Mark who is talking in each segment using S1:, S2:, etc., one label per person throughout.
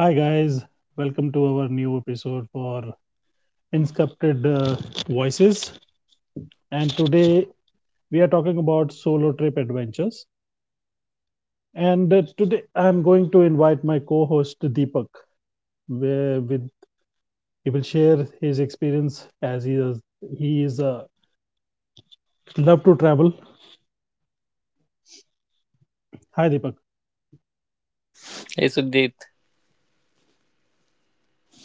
S1: Hi guys, welcome to our new episode for Inscripted Voices. And today we are talking about solo trip adventures. And today I'm going to invite my co-host Deepak. Where with he will share his experience as he is love to travel. Hi Deepak.
S2: Hey Sukdeep.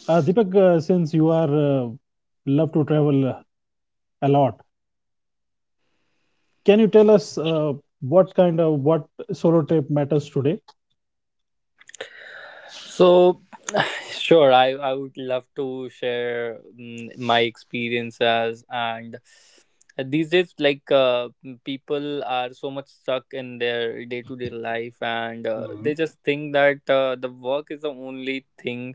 S1: Deepak, since you are love to travel a lot, can you tell us what kind of what solo trip matters today?
S2: So, sure, I would love to share my experiences. And these days, like people are so much stuck in their day to day life, and
S1: Mhm.
S2: they just think that the work is the only thing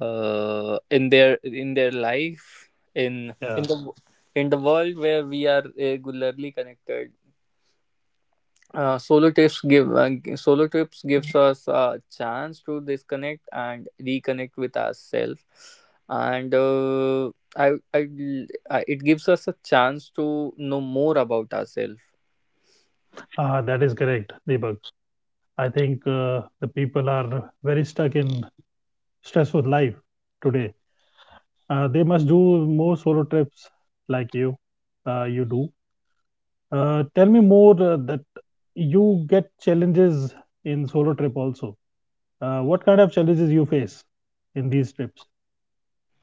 S2: in their life in in the in the world where we are regularly connected. Solo trips gives us a chance to disconnect and reconnect with ourselves. And I, I, I it gives us a chance to know more about ourselves.
S1: That is correct, Deepak. I think the people are very stuck in stressful life today. They must do more solo trips like you, you do. Tell me more that you get challenges in solo trip also. What kind of challenges you face in these trips?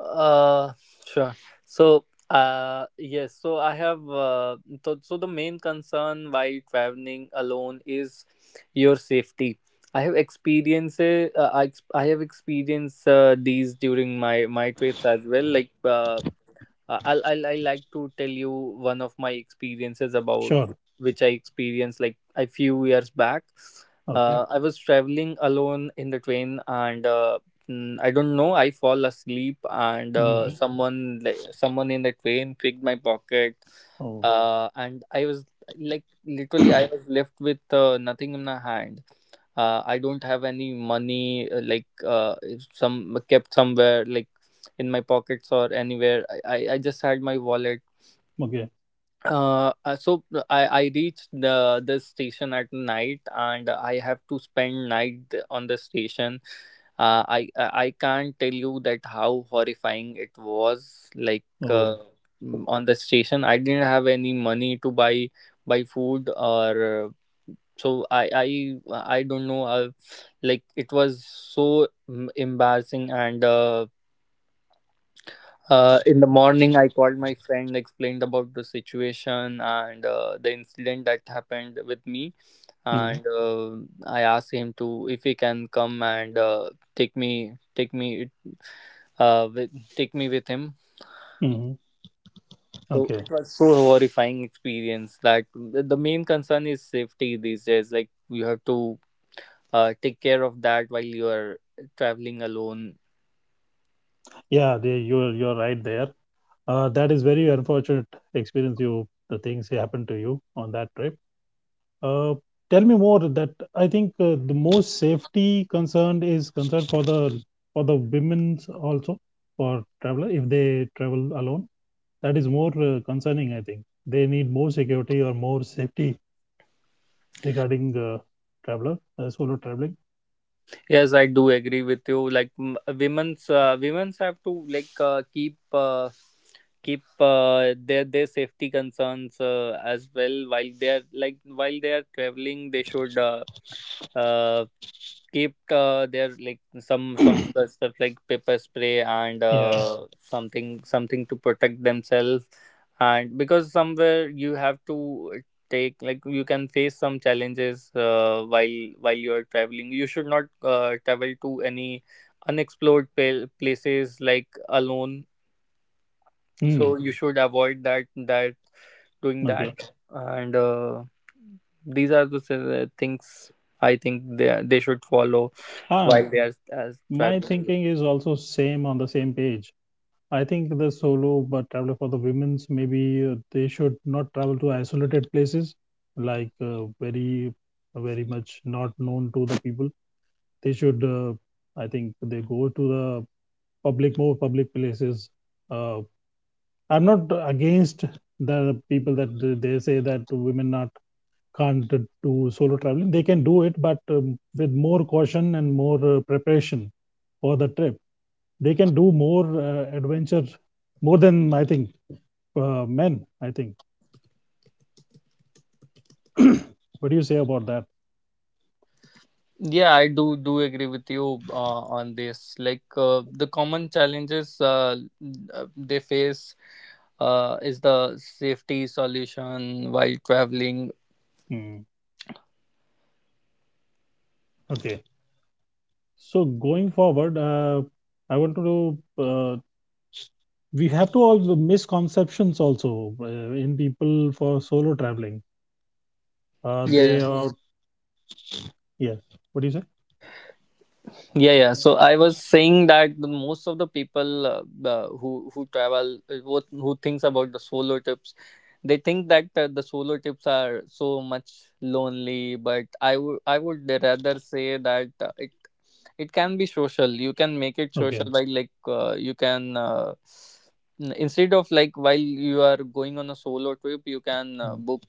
S2: uh sure. so yes so I have So the main concern while traveling alone is your safety. I have experienced these during my trips as well, like I like to tell you one of my experiences about
S1: Sure.
S2: which I experienced like a few years back.
S1: Okay.
S2: I was traveling alone in the train, and I don't know. I fall asleep, and
S1: Mhm.
S2: someone in the train picked my pocket.
S1: Oh.
S2: And I was, like, literally I was left with nothing in my hand. I don't have any money, like, if some kept somewhere, like, in my pockets or anywhere. I just had my wallet.
S1: Okay.
S2: So I reached the station at night, and I have to spend night on the station. I can't tell you that how horrifying it was.
S1: Oh.
S2: On the station, I didn't have any money to buy food or. So, I don't know. Like, it was so embarrassing, and in the morning, I called my friend, explained about the situation and the incident that happened with me,
S1: Mm-hmm.
S2: and I asked him to if he can come and take me, take me, uh, with, take me with him.
S1: Mm-hmm.
S2: So
S1: Okay.
S2: it was so horrifying experience. Like, the main concern is safety these days. Like, you have to take care of that while you are traveling alone.
S1: Yeah. They, you're right there. That is very unfortunate experience. You the things happen to you on that trip. Uh, Tell me more. That I think the most safety concerned is concerned for the women also for traveler if they travel alone. That is more concerning. I think they need more security or more safety regarding traveler solo traveling.
S2: Yes, I do agree with you. Women's have to, like, keep their safety concerns, as well while they are, like, while they are traveling. They should, uh, keep their, like, some of the stuff like pepper spray and
S1: Yeah.
S2: something to protect themselves. And because somewhere you have to take, like, you can face some challenges while you are traveling. You should not travel to any places, like, alone.
S1: Hmm.
S2: So you should avoid that, doing
S1: Okay.
S2: that, and these are things I think they should follow
S1: Um,
S2: while they are as
S1: my
S2: traveling.
S1: thinking is also same on the same page. I think the solo but traveler for the women's maybe they should not travel to isolated places like very very much not known to the people. They should I think they go to the public more public places. Uh, I'm not against the people that they say that women not can't do solo traveling. They can do it, but with more caution and more preparation for the trip they can do more adventure more than I think men I think. What do you say about that?
S2: Yeah, I do agree with you on this. Like, the common challenges, they face, is the safety solution while traveling.
S1: Hmm, okay. So going forward I want to uh, we have to all the misconceptions also uh, in people for solo traveling
S2: Yeah,
S1: they are. Yeah, what do you say?
S2: yeah, yeah. So I was saying that the most of the people, who travel, who thinks about the solo trips, they think that the solo trips are so much lonely. But I would rather say that it can be social. You can make it
S1: Okay.
S2: social by, like, you can, instead of, like, while you are going on a solo trip you can
S1: Hmm.
S2: book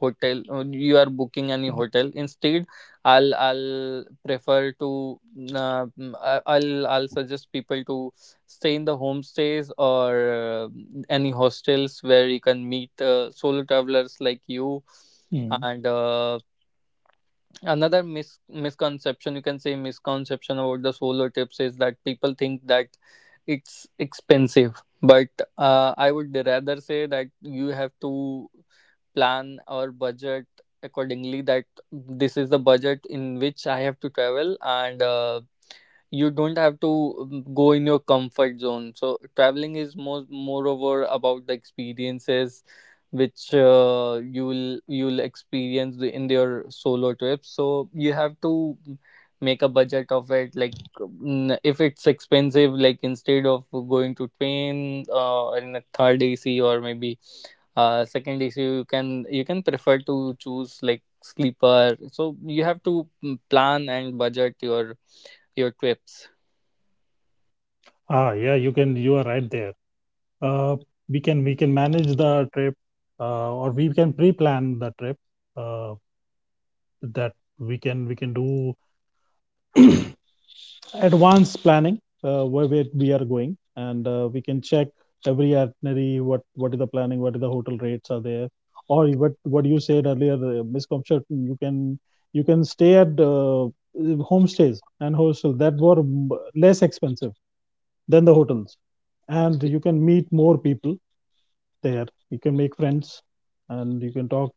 S2: hotel. You are booking any hotel instead. I'll prefer to, I'll suggest people to stay in the homestays or any hostels where you can meet solo travelers like you.
S1: Hmm.
S2: And another misconception, you can say, misconception about the solar tips is that people think that it's expensive. But I would rather say that you have to plan or budget accordingly, that this is the budget in which I have to travel, and you don't have to, go in your comfort zone. So traveling is more moreover about the experiences which you'll experience the, in your solo trips. So you have to make a budget of it, like, if it's expensive, like, instead of going to train in a third ac, or maybe second ac, you can prefer to choose, like, sleeper. So you have to, plan and budget your trips.
S1: Ah, yeah, you are right there. uh, we can manage the trip, or we can pre-plan the trip. Uh, that we can do advanced planning, where we are going, and we can check every itinerary, what is the planning, what is the hotel rates are there, or what you said earlier, Ms. Kamshar, you can stay at homestays and hostel that were less expensive than the hotels, and you can meet more people there, you can make friends, and you can talk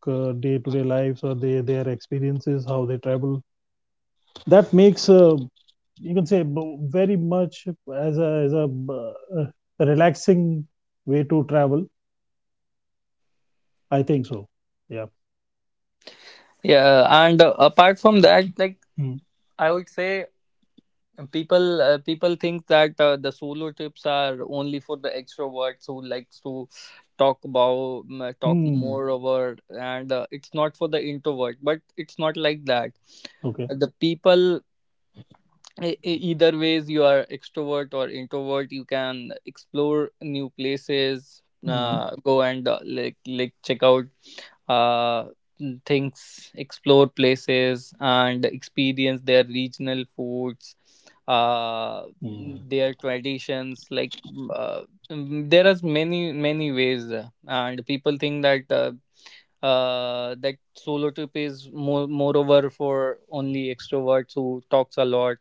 S1: day to day lives or they their experiences how they travel. That makes you can say very much as a uh, relaxing way to travel, I think so. Yeah.
S2: Yeah, and apart from that, like,
S1: Mm.
S2: I would say people think that the solo trips are only for the extroverts who likes to talk about, talk
S1: Mm.
S2: more over, and it's not for the introvert, but it's not like that.
S1: Okay.
S2: The people, either ways you are extrovert or introvert, you can explore new places,
S1: Mm.
S2: go and, like check out, uh, things, explore places, and experience their regional foods,
S1: Mm.
S2: their traditions. Like, there are many ways, and people think that. That solo trip is more moreover for only extroverts who talks a lot,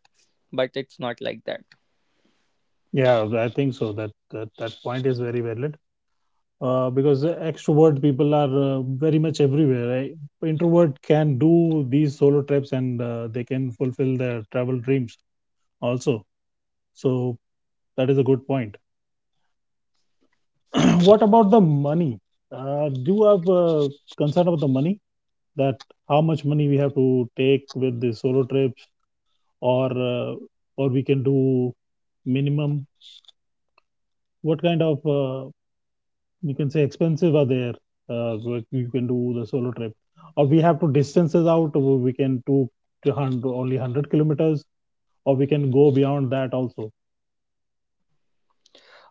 S2: but it's not like that.
S1: Yeah, I think so, that point is very valid, because extrovert people are very much everywhere, right? Introvert can do these solo trips, and they can fulfill their travel dreams also. So that is a good point. What about the money? Do you have concern about the money, that how much money we have to take with the solo trips, or or we can do minimum, what kind of you can say expensive are there, what you can do the solo trip, or we have to distances out, or we can do only 100 kilometers, or we can go beyond that also?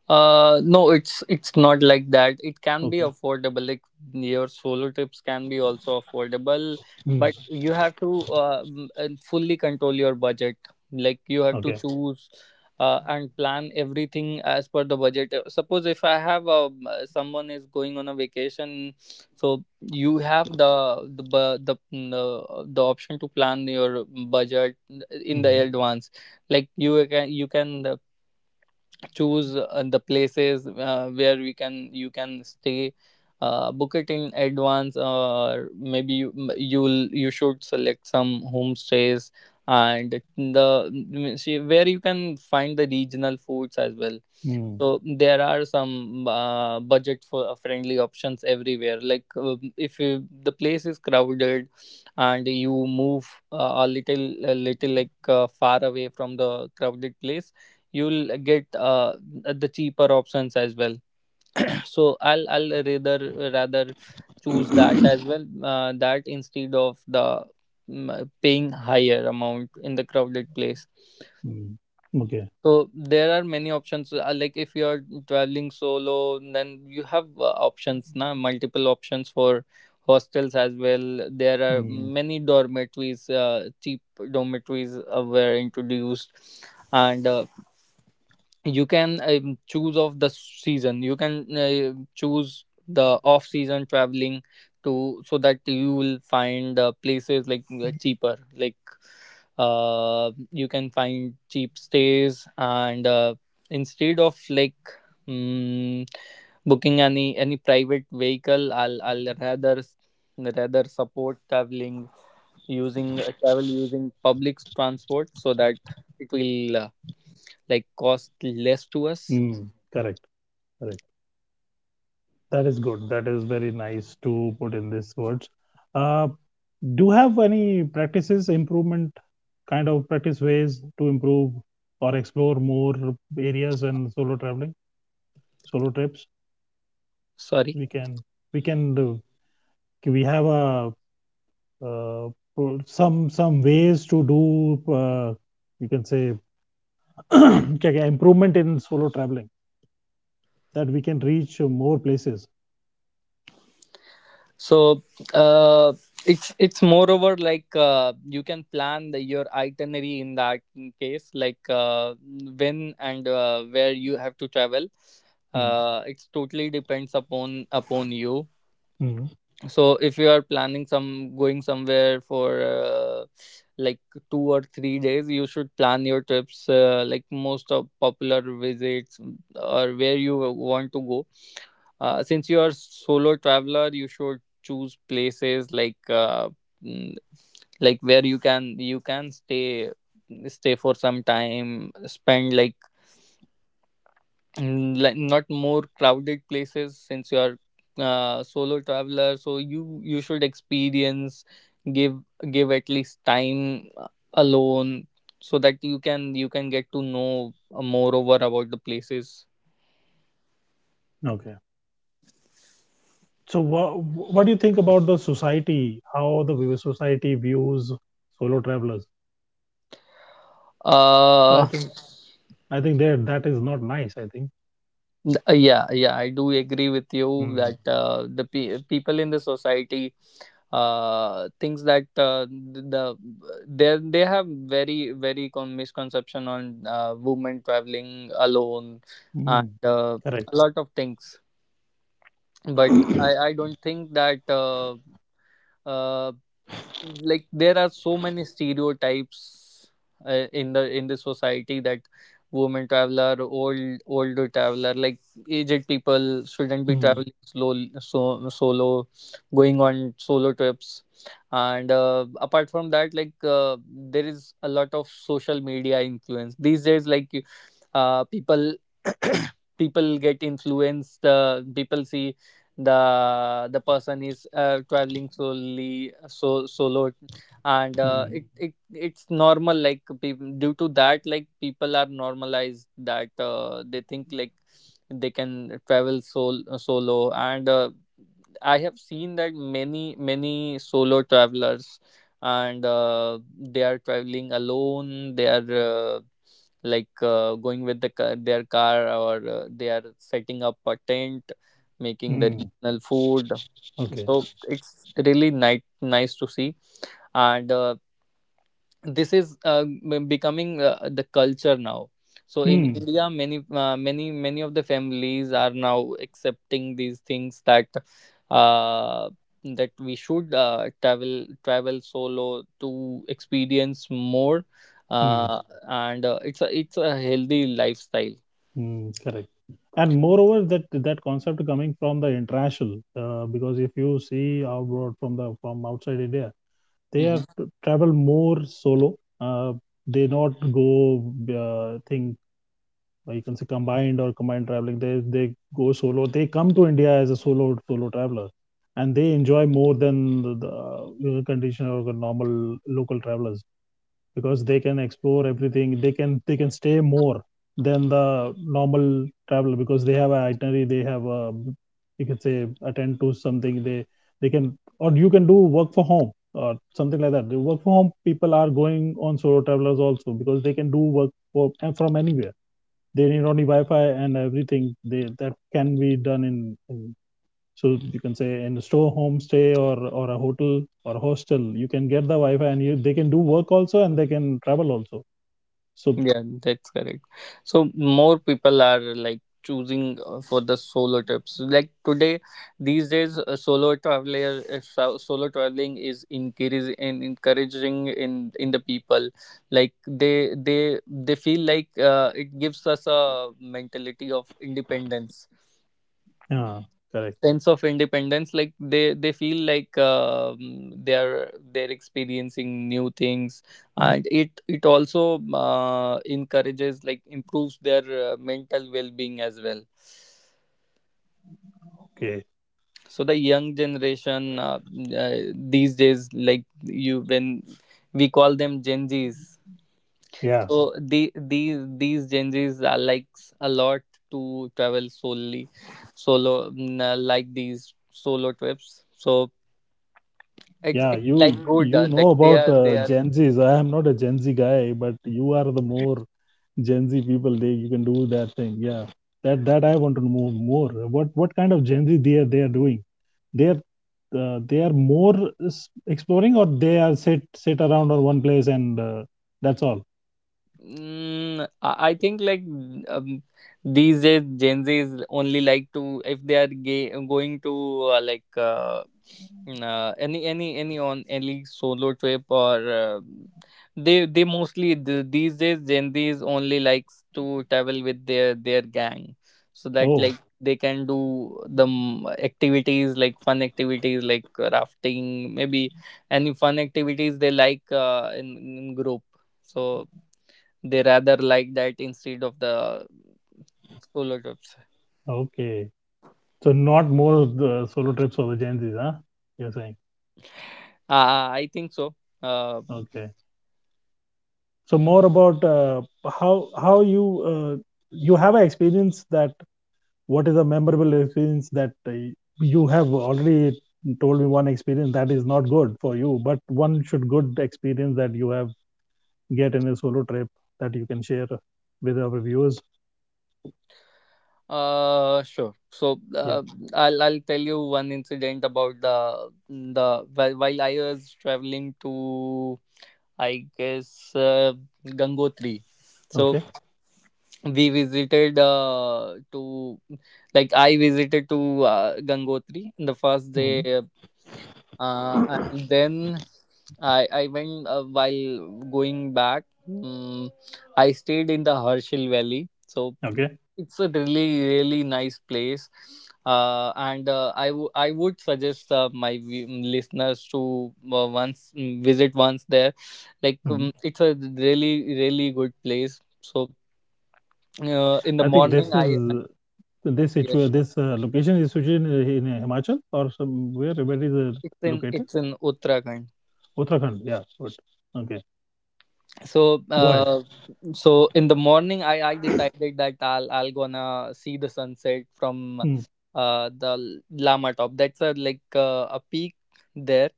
S2: No, it's not like that. It can be
S1: Okay.
S2: affordable. Like, your solo trips can be also affordable, but
S1: Mm.
S2: you have to fully control your budget. Like, you have to
S1: Okay.
S2: choose, and plan everything as per the budget. Suppose if I have a someone is going on a vacation, so you have the option to plan your budget in the
S1: Mm.
S2: advance. Like, you can choose the places where we can, you can stay, book it in advance, or maybe you should select some homestays, and the see where you can find the regional foods as well. So there are some budget for friendly options everywhere, like, if you, the place is crowded and you move, a little like far away from the crowded place, you'll get the cheaper options as well. So I'll rather choose that
S1: Mm.
S2: as well, that instead of the, paying higher amount in the crowded place.
S1: Mm. Okay.
S2: So there are many options, like, if you are traveling solo then you have, options now, multiple options for hostels as well. There are
S1: Mm.
S2: many dormitories, cheap dormitories were introduced. And you can, choose of the season. You can choose the off season traveling to, so that you will find places, like, cheaper, like, you can find cheap stays. And instead of, like, um, booking any private vehicle, I'll rather support traveling using, travel using public transport, so that it will, like, cost less to us.
S1: Mm. Correct. Correct. That is good. That is very nice to put in these words. Uh, do you have any practices, improvement kind of practice ways to improve or explore more areas in solo traveling, solo trips?
S2: Sorry.
S1: We can we can do. We have a uh, some ways to do. You can say, okay, improvement in solo traveling that we can reach more places.
S2: So, uh, it's moreover like, you can plan the your itinerary in that case, like, when and where you have to travel. It's totally depends upon you.
S1: Mm-hmm.
S2: So if you are planning some going somewhere for, like, 2 or 3 days, you should plan your trips, like, most of popular visits, or where you want to go. Since you are solo traveler, you should choose places, like, mm, like, where you can stay for some time, spend, like, like, not more crowded places, since you're solo traveler. So you should experience, give at least time, alone, so that you can get to know, more over about the places.
S1: Okay. So, what do you think about the society? How the society views solo travelers? So, I
S2: uh
S1: think I think that that is not nice. I think.
S2: yeah, yeah, I do agree with you
S1: Mm.
S2: that people in the society things that the, they have very misconception on women traveling alone
S1: Mm.
S2: and a
S1: Correct.
S2: lot of things. But
S1: Mm.
S2: I don't think that, uh, like, there are so many stereotypes, in the society, that women traveler, older traveler, like aged people shouldn't be traveling, slow so solo, going on solo trips. And apart from that, like, there is a lot of social media influence these days, like, people people get influenced. People see the person is traveling, solely so solo, and
S1: Mm.
S2: it's normal. Like, due to that, like, people are normalized that they think like they can travel, solo. And I have seen that many solo travelers, and they are traveling alone. They are, uh, like, going with the car, their car, or they are setting up a tent, making the
S1: Mm.
S2: regional food.
S1: Okay.
S2: So it's really nice to see, and this is, becoming the culture now. So in
S1: Mm.
S2: India, many of the families are now accepting these things that uh, that we should travel solo to experience more,
S1: Mm.
S2: uh, and uh, it's a healthy lifestyle.
S1: Mm. Correct. And moreover, that that concept coming from the international, because if you see abroad from the from outside India, they are
S2: Mhm.
S1: travel more solo. Uh, they not go thing, or you can say combined or combined traveling, they go solo, they come to India as a solo traveler, and they enjoy more than the condition or the normal local travelers, because they can explore everything, they can stay more than the normal traveler, because they have an itinerary, they have a you can say attend to something. They can or you can do work for home or something like that. The work from home people are going on solo travelers also, because they can do work from anywhere. They need only Wi-Fi and everything. They that can be done in so you can say in a store homestay or a hotel or a hostel. You can get the Wi-Fi and you they can do work also, and they can travel also. So
S2: Yeah, that's correct. So more people are like choosing for the solo trips. Like today, these days, solo traveling is encouraging and encouraging in the people. Like they feel like it gives us a mentality of independence,
S1: yeah, correct.
S2: sense of independence. Like they feel like they're experiencing new things, and it also encourages, like improves their mental well-being as well.
S1: Okay,
S2: So the young generation, uh, these days, like you, when we call them Gen Zs,
S1: yeah,
S2: so the, these Gen Zs are likes a lot to travel solely, solo. Like these solo trips. So It's,
S1: yeah.
S2: it's
S1: You
S2: like
S1: you
S2: Buddha,
S1: know
S2: like they
S1: about
S2: are they are
S1: Gen Zs. I am not a Gen Z guy, but you are the more Gen Z people. They you can do that thing. Yeah, that I want to know more. What kind of Gen Z they are doing? they are they are more exploring, or they are sit around on one place, and that's all.
S2: I think like, um, these days Gen Zs only like to, if they are gay, going to uh, like uh, any on any solo trip, or they these days Gen Zs only likes to travel with their gang so that,
S1: Oh,
S2: like, they can do the activities, like fun activities, like rafting maybe, any fun activities they like, in group. So they rather like that instead of the solo trips.
S1: okay. So not more solo trips for the Gen Zs, huh? You're saying.
S2: I think so. Uh,
S1: Okay. So more about how how you uh, you have an experience, that what is a memorable experience, that you have already told me one experience that is not good for you, but one should good experience that you have get in a solo trip, that you can share with our viewers.
S2: sure. So
S1: Yeah.
S2: I'll tell you one incident about while I was traveling to, I guess, Gangotri. So
S1: Okay.
S2: we visited to like I visited to Gangotri. The first
S1: Mhm.
S2: day, and then I went, while going back. I stayed in the Herschel Valley, so
S1: Okay.
S2: it's a really really nice place. And I I would suggest my listeners to once visit once there. Like,
S1: Mhm.
S2: it's a really really good place. So in the
S1: I think
S2: morning
S1: this
S2: I,
S1: is this
S2: yes,
S1: situ
S2: yes.
S1: this uh, location is situated in Himachal or somewhere, where is it
S2: It's in,
S1: located?
S2: it's in Uttarakhand.
S1: Uttarakhand. Yeah. Good. Okay.
S2: So
S1: Go ahead.
S2: in the morning I decided that I'll gonna see the sunset from
S1: Mm.
S2: the Lama Top, that's a like a peak there.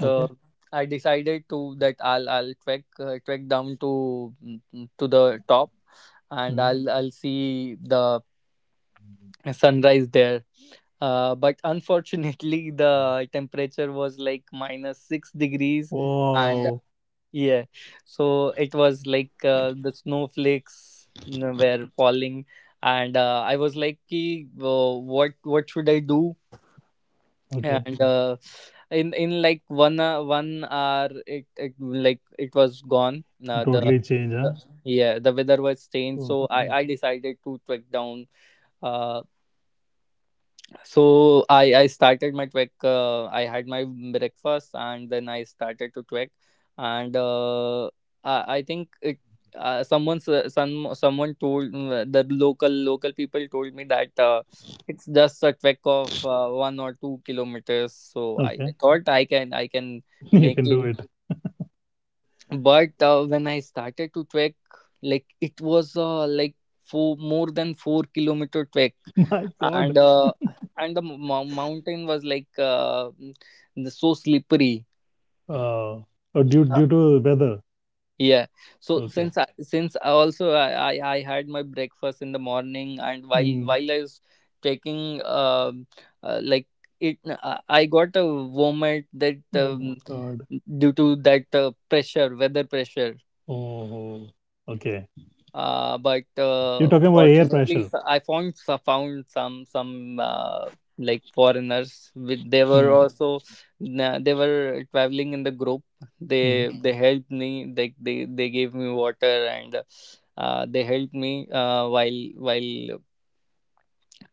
S1: Okay.
S2: I decided to that I'll trek trek down to to the top, and
S1: Mm.
S2: I'll see the sunrise there. But unfortunately the temperature was like minus 6 degrees and.
S1: Wow.
S2: Yeah, so it was like the snowflakes you were falling, and I was like, "Ki, what should I do?"
S1: Okay.
S2: And in like one hour, it like it was gone.
S1: Totally change, huh?
S2: The Yeah, the weather was changed, so
S1: Okay.
S2: I decided to trek down. uh, so I started my trek. I had my breakfast and then I started to trek, and I think it. Someone s- some someone told mm, the local local people told me that it's just a trek of one or two kilometers. So
S1: Okay.
S2: I thought I can
S1: You
S2: make
S1: can do
S2: it.
S1: it.
S2: But when I started to trek, like it was four, more than four kilometer trek.
S1: My
S2: and
S1: God.
S2: uh, and the mountain was like so slippery.
S1: Uh, oh, due
S2: Uh,
S1: due to weather.
S2: yeah. So
S1: Okay.
S2: since I also I had my breakfast in the morning, and while
S1: Mm.
S2: while I was trekking, like it I got a vomit, that
S1: Oh my God.
S2: due to that pressure weather pressure.
S1: Oh. Okay.
S2: Uh, but
S1: You're talking about air pressure.
S2: I found found some like foreigners with, they were also they were traveling in the group.
S1: Mm.
S2: They helped me, they gave me water, and they helped me while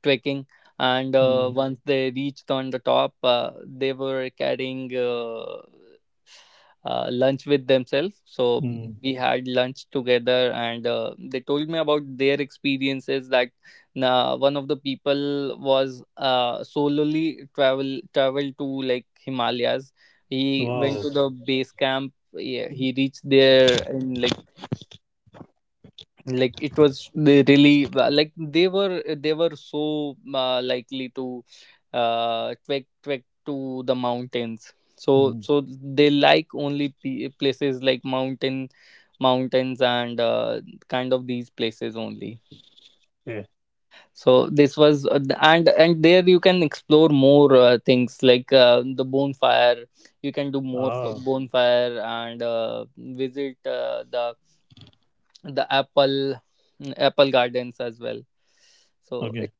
S2: trekking. And
S1: Mm,
S2: once they reached on the top, they were carrying lunch with themselves. So
S1: mm.
S2: we had lunch together, and they told me about their experiences. That one of the people was solely travel traveled to like Himalayas. He went
S1: Wow.
S2: to the base camp. Yeah, he reached there in like it was, they really like they were, they were so likely to trek to the mountains, so
S1: Mm,
S2: so they like only p- places like mountain, mountains, and kind of these places only.
S1: yeah.
S2: So this was and there you can explore more things like the bonfire, you can do more for
S1: Oh,
S2: bonfire, and visit the apple, apple gardens as well. So
S1: okay.
S2: it,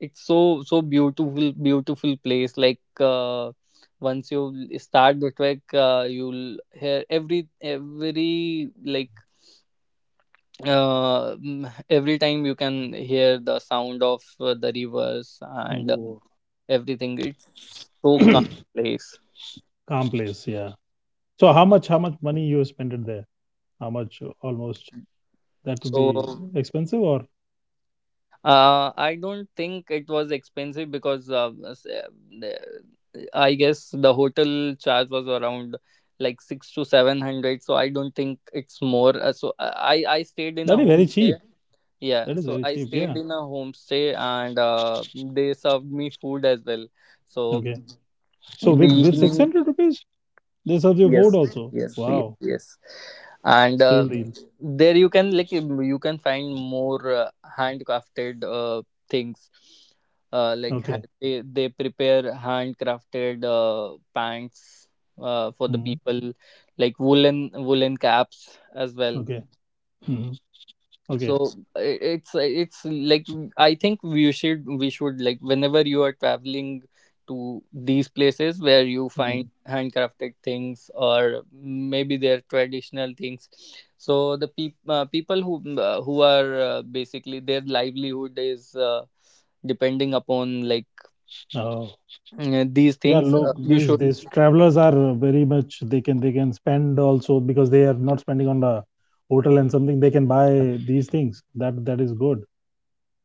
S2: it's so so beautiful beautiful place. Like, once you start the trek, you'll hear every like, every time you can hear the sound of the rivers, and
S1: Oh.
S2: everything. It's so calm place.
S1: Calm place, yeah. So how much money you spent it there? How much almost that would be
S2: So
S1: expensive, or
S2: uh, I don't think it was expensive, because the- I guess the hotel charge was around like six to seven hundred. So I don't think it's more. I stayed in a
S1: that is very cheap.
S2: homestay. Yeah,
S1: That is
S2: so
S1: very
S2: I
S1: cheap, yeah.
S2: stayed in a homestay, and they served me food as well. So
S1: Okay. So
S2: in the
S1: with six
S2: evening,
S1: hundred rupees, they serve you
S2: yes,
S1: food also. Wow.
S2: yes. And
S1: Steel deal.
S2: there you can, like, you can find more handcrafted things,
S1: Okay.
S2: they prepare handcrafted pants for the
S1: Mm,
S2: people, like woolen woolen caps as well.
S1: okay. Mm,
S2: So
S1: okay.
S2: it's like, I think we should like, whenever you are traveling to these places, where you find
S1: Mm.
S2: handcrafted things, or maybe they're traditional things, so people who are basically their livelihood is depending upon, like,
S1: Oh.
S2: these
S1: Yeah,
S2: things,
S1: look,
S2: you
S1: these
S2: should,
S1: these travelers are very much they can spend also, because they are not spending on the hotel and something they can buy these things. That is good.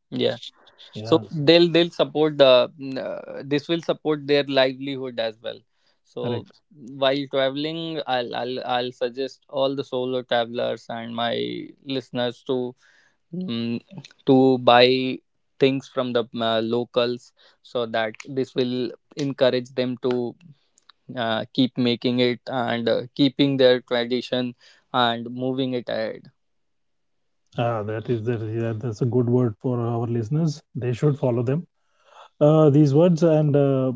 S2: yeah. So
S1: Yeah,
S2: they'll support the this will support their livelihood as well. So
S1: correct.
S2: while traveling, I'll suggest all the solo travelers and my listeners to mm to buy things from the locals, so that this will encourage them to keep making it, and keeping their tradition and moving it.
S1: Ah, that's a good word for our listeners. They should follow them. These words, and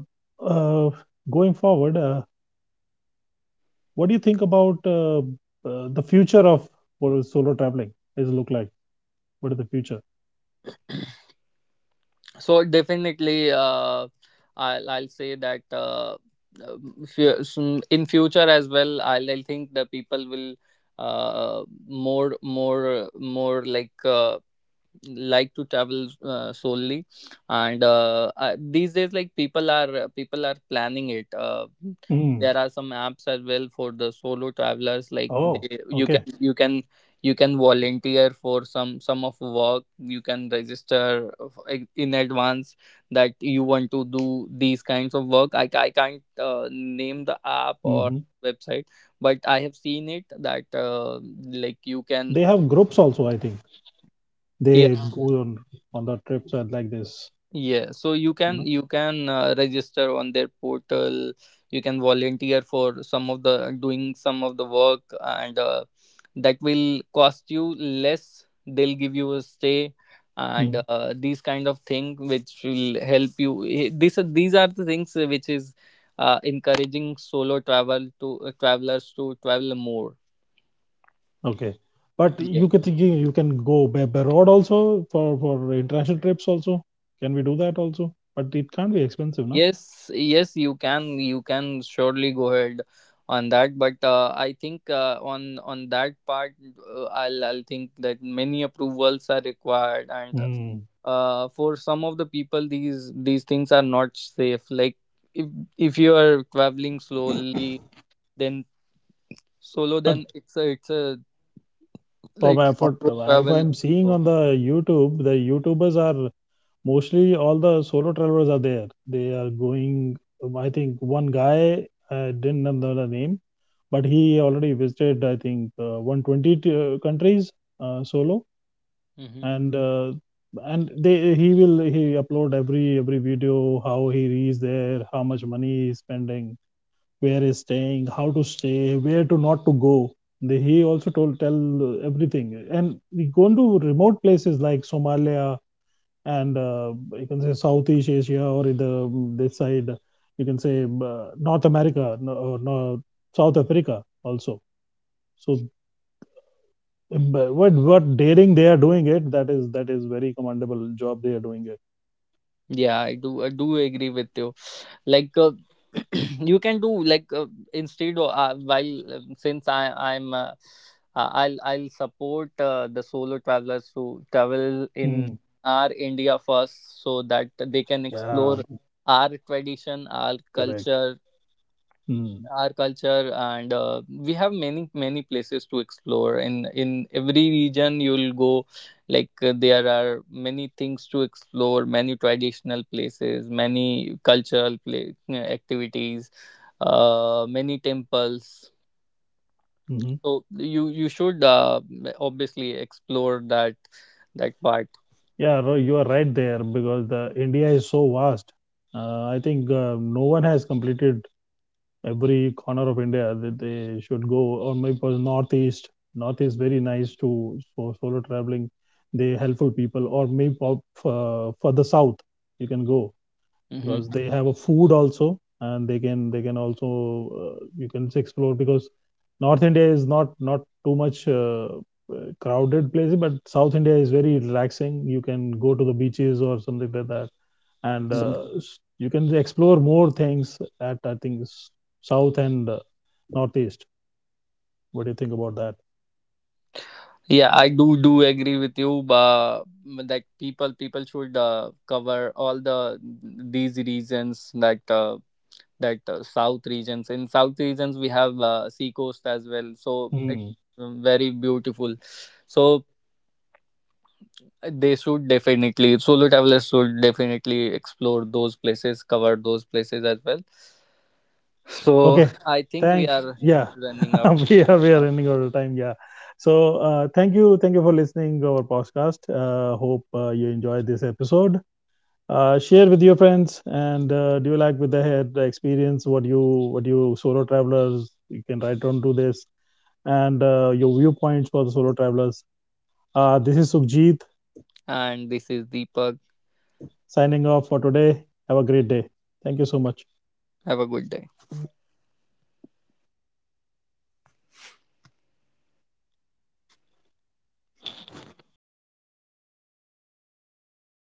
S1: uh, going forward, what do you think about the future of what is solo traveling is look like? What is the future?
S2: So definitely I'll say that, in future as well, I'll think the people will more, more like, like to travel solely. And these days, like, people are planning it.
S1: Mm.
S2: There are some apps as well for the solo travelers. Like
S1: Oh,
S2: they, you can
S1: okay.
S2: you can you can volunteer for some of work, you can register in advance that you want to do these kinds of work. I can't name the app or
S1: Hmm.
S2: website, but I have seen it that like you can,
S1: They have groups also, I think. They go on the trips and like this.
S2: yeah. So
S1: You know.
S2: you can register on their portal. You can volunteer for some of the doing some of the work, and that will cost you less. They'll give you a stay, and
S1: Mm,
S2: these kind of thing, which will help you. Eh, these are these are the things which is encouraging solo travel to travelers to travel more.
S1: okay. But
S2: Yeah.
S1: you can think you can go by road also for international trips also, can we do that also, but it can't be expensive, no?
S2: Yes, yes, you can surely go ahead on that. But I think, on that part, I'll think that many approvals are required, and
S1: Mm.
S2: for some of the people, these things are not safe. Like, if if you are traveling slowly, then solo,
S1: But
S2: then it's a it's a,
S1: for
S2: like
S1: my
S2: on
S1: for
S2: road
S1: if
S2: travel.
S1: I'm
S2: Is
S1: seeing
S2: slow.
S1: on the YouTube, the YouTubers are mostly all the solo travelers are there, they are going. I think one guy, I didn't know the name, but he already visited, I think, 120 countries, solo.
S2: Mhm.
S1: And uh, and they he will he upload every video, how he is there, how much money he is spending, where he's staying, how to stay, where to not to go. They, he also told tell everything, and we go to remote places like Somalia and you can say Southeast Asia or in the this side. You can say North America, no, or no, South Africa also. So um, what daring they are doing it, that is very commendable job they are doing it.
S2: Yeah, I do agree with you. Like you can do like, instead of while since I I'll support the solo travelers to travel in
S1: Mm,
S2: our India first, so that they can
S1: yeah,
S2: explore our tradition, our
S1: correct.
S2: culture,
S1: Mm,
S2: our culture. And we have many many places to explore. In every region you'll go, like, there are many things to explore, many traditional places, many cultural play, activities, many temples.
S1: mhm.
S2: So you should obviously explore that, that part.
S1: Yeah, Roy, you are right there, because the India is so vast. I think no one has completed every corner of India that they should go. Or maybe for northeast, northeast very nice to for solo traveling. They helpful people, or maybe for the south you can go.
S2: Hmm.
S1: Because they have a food also and they can also, you can explore, because North India is not too much crowded place, but South India is very relaxing, you can go to the beaches or something like that. And you can explore more things at, I think, south and northeast. What do you think about that?
S2: Yeah,
S1: Yeah.
S2: I do do agree with you. That people people should cover all the these regions, that south regions. In south regions, we have sea coast as well, so it's
S1: Hmm.
S2: very beautiful. So they should definitely, solo travelers should definitely explore those places, cover those places as well. So
S1: Okay,
S2: I think we
S1: thank,
S2: are
S1: yeah.
S2: running out
S1: we
S2: of
S1: are
S2: time
S1: we are
S2: now,
S1: running out of time. Yeah. So thank you for listening our podcast. Hope you enjoyed this episode. Share with your friends and do you like with the head the experience what you solo travelers you can write down to this, and your viewpoints for the solo travelers. This is Sukhjeet
S2: and this is Deepak.
S1: signing off for today. Have a great day. Thank you so much.
S2: Have a good day.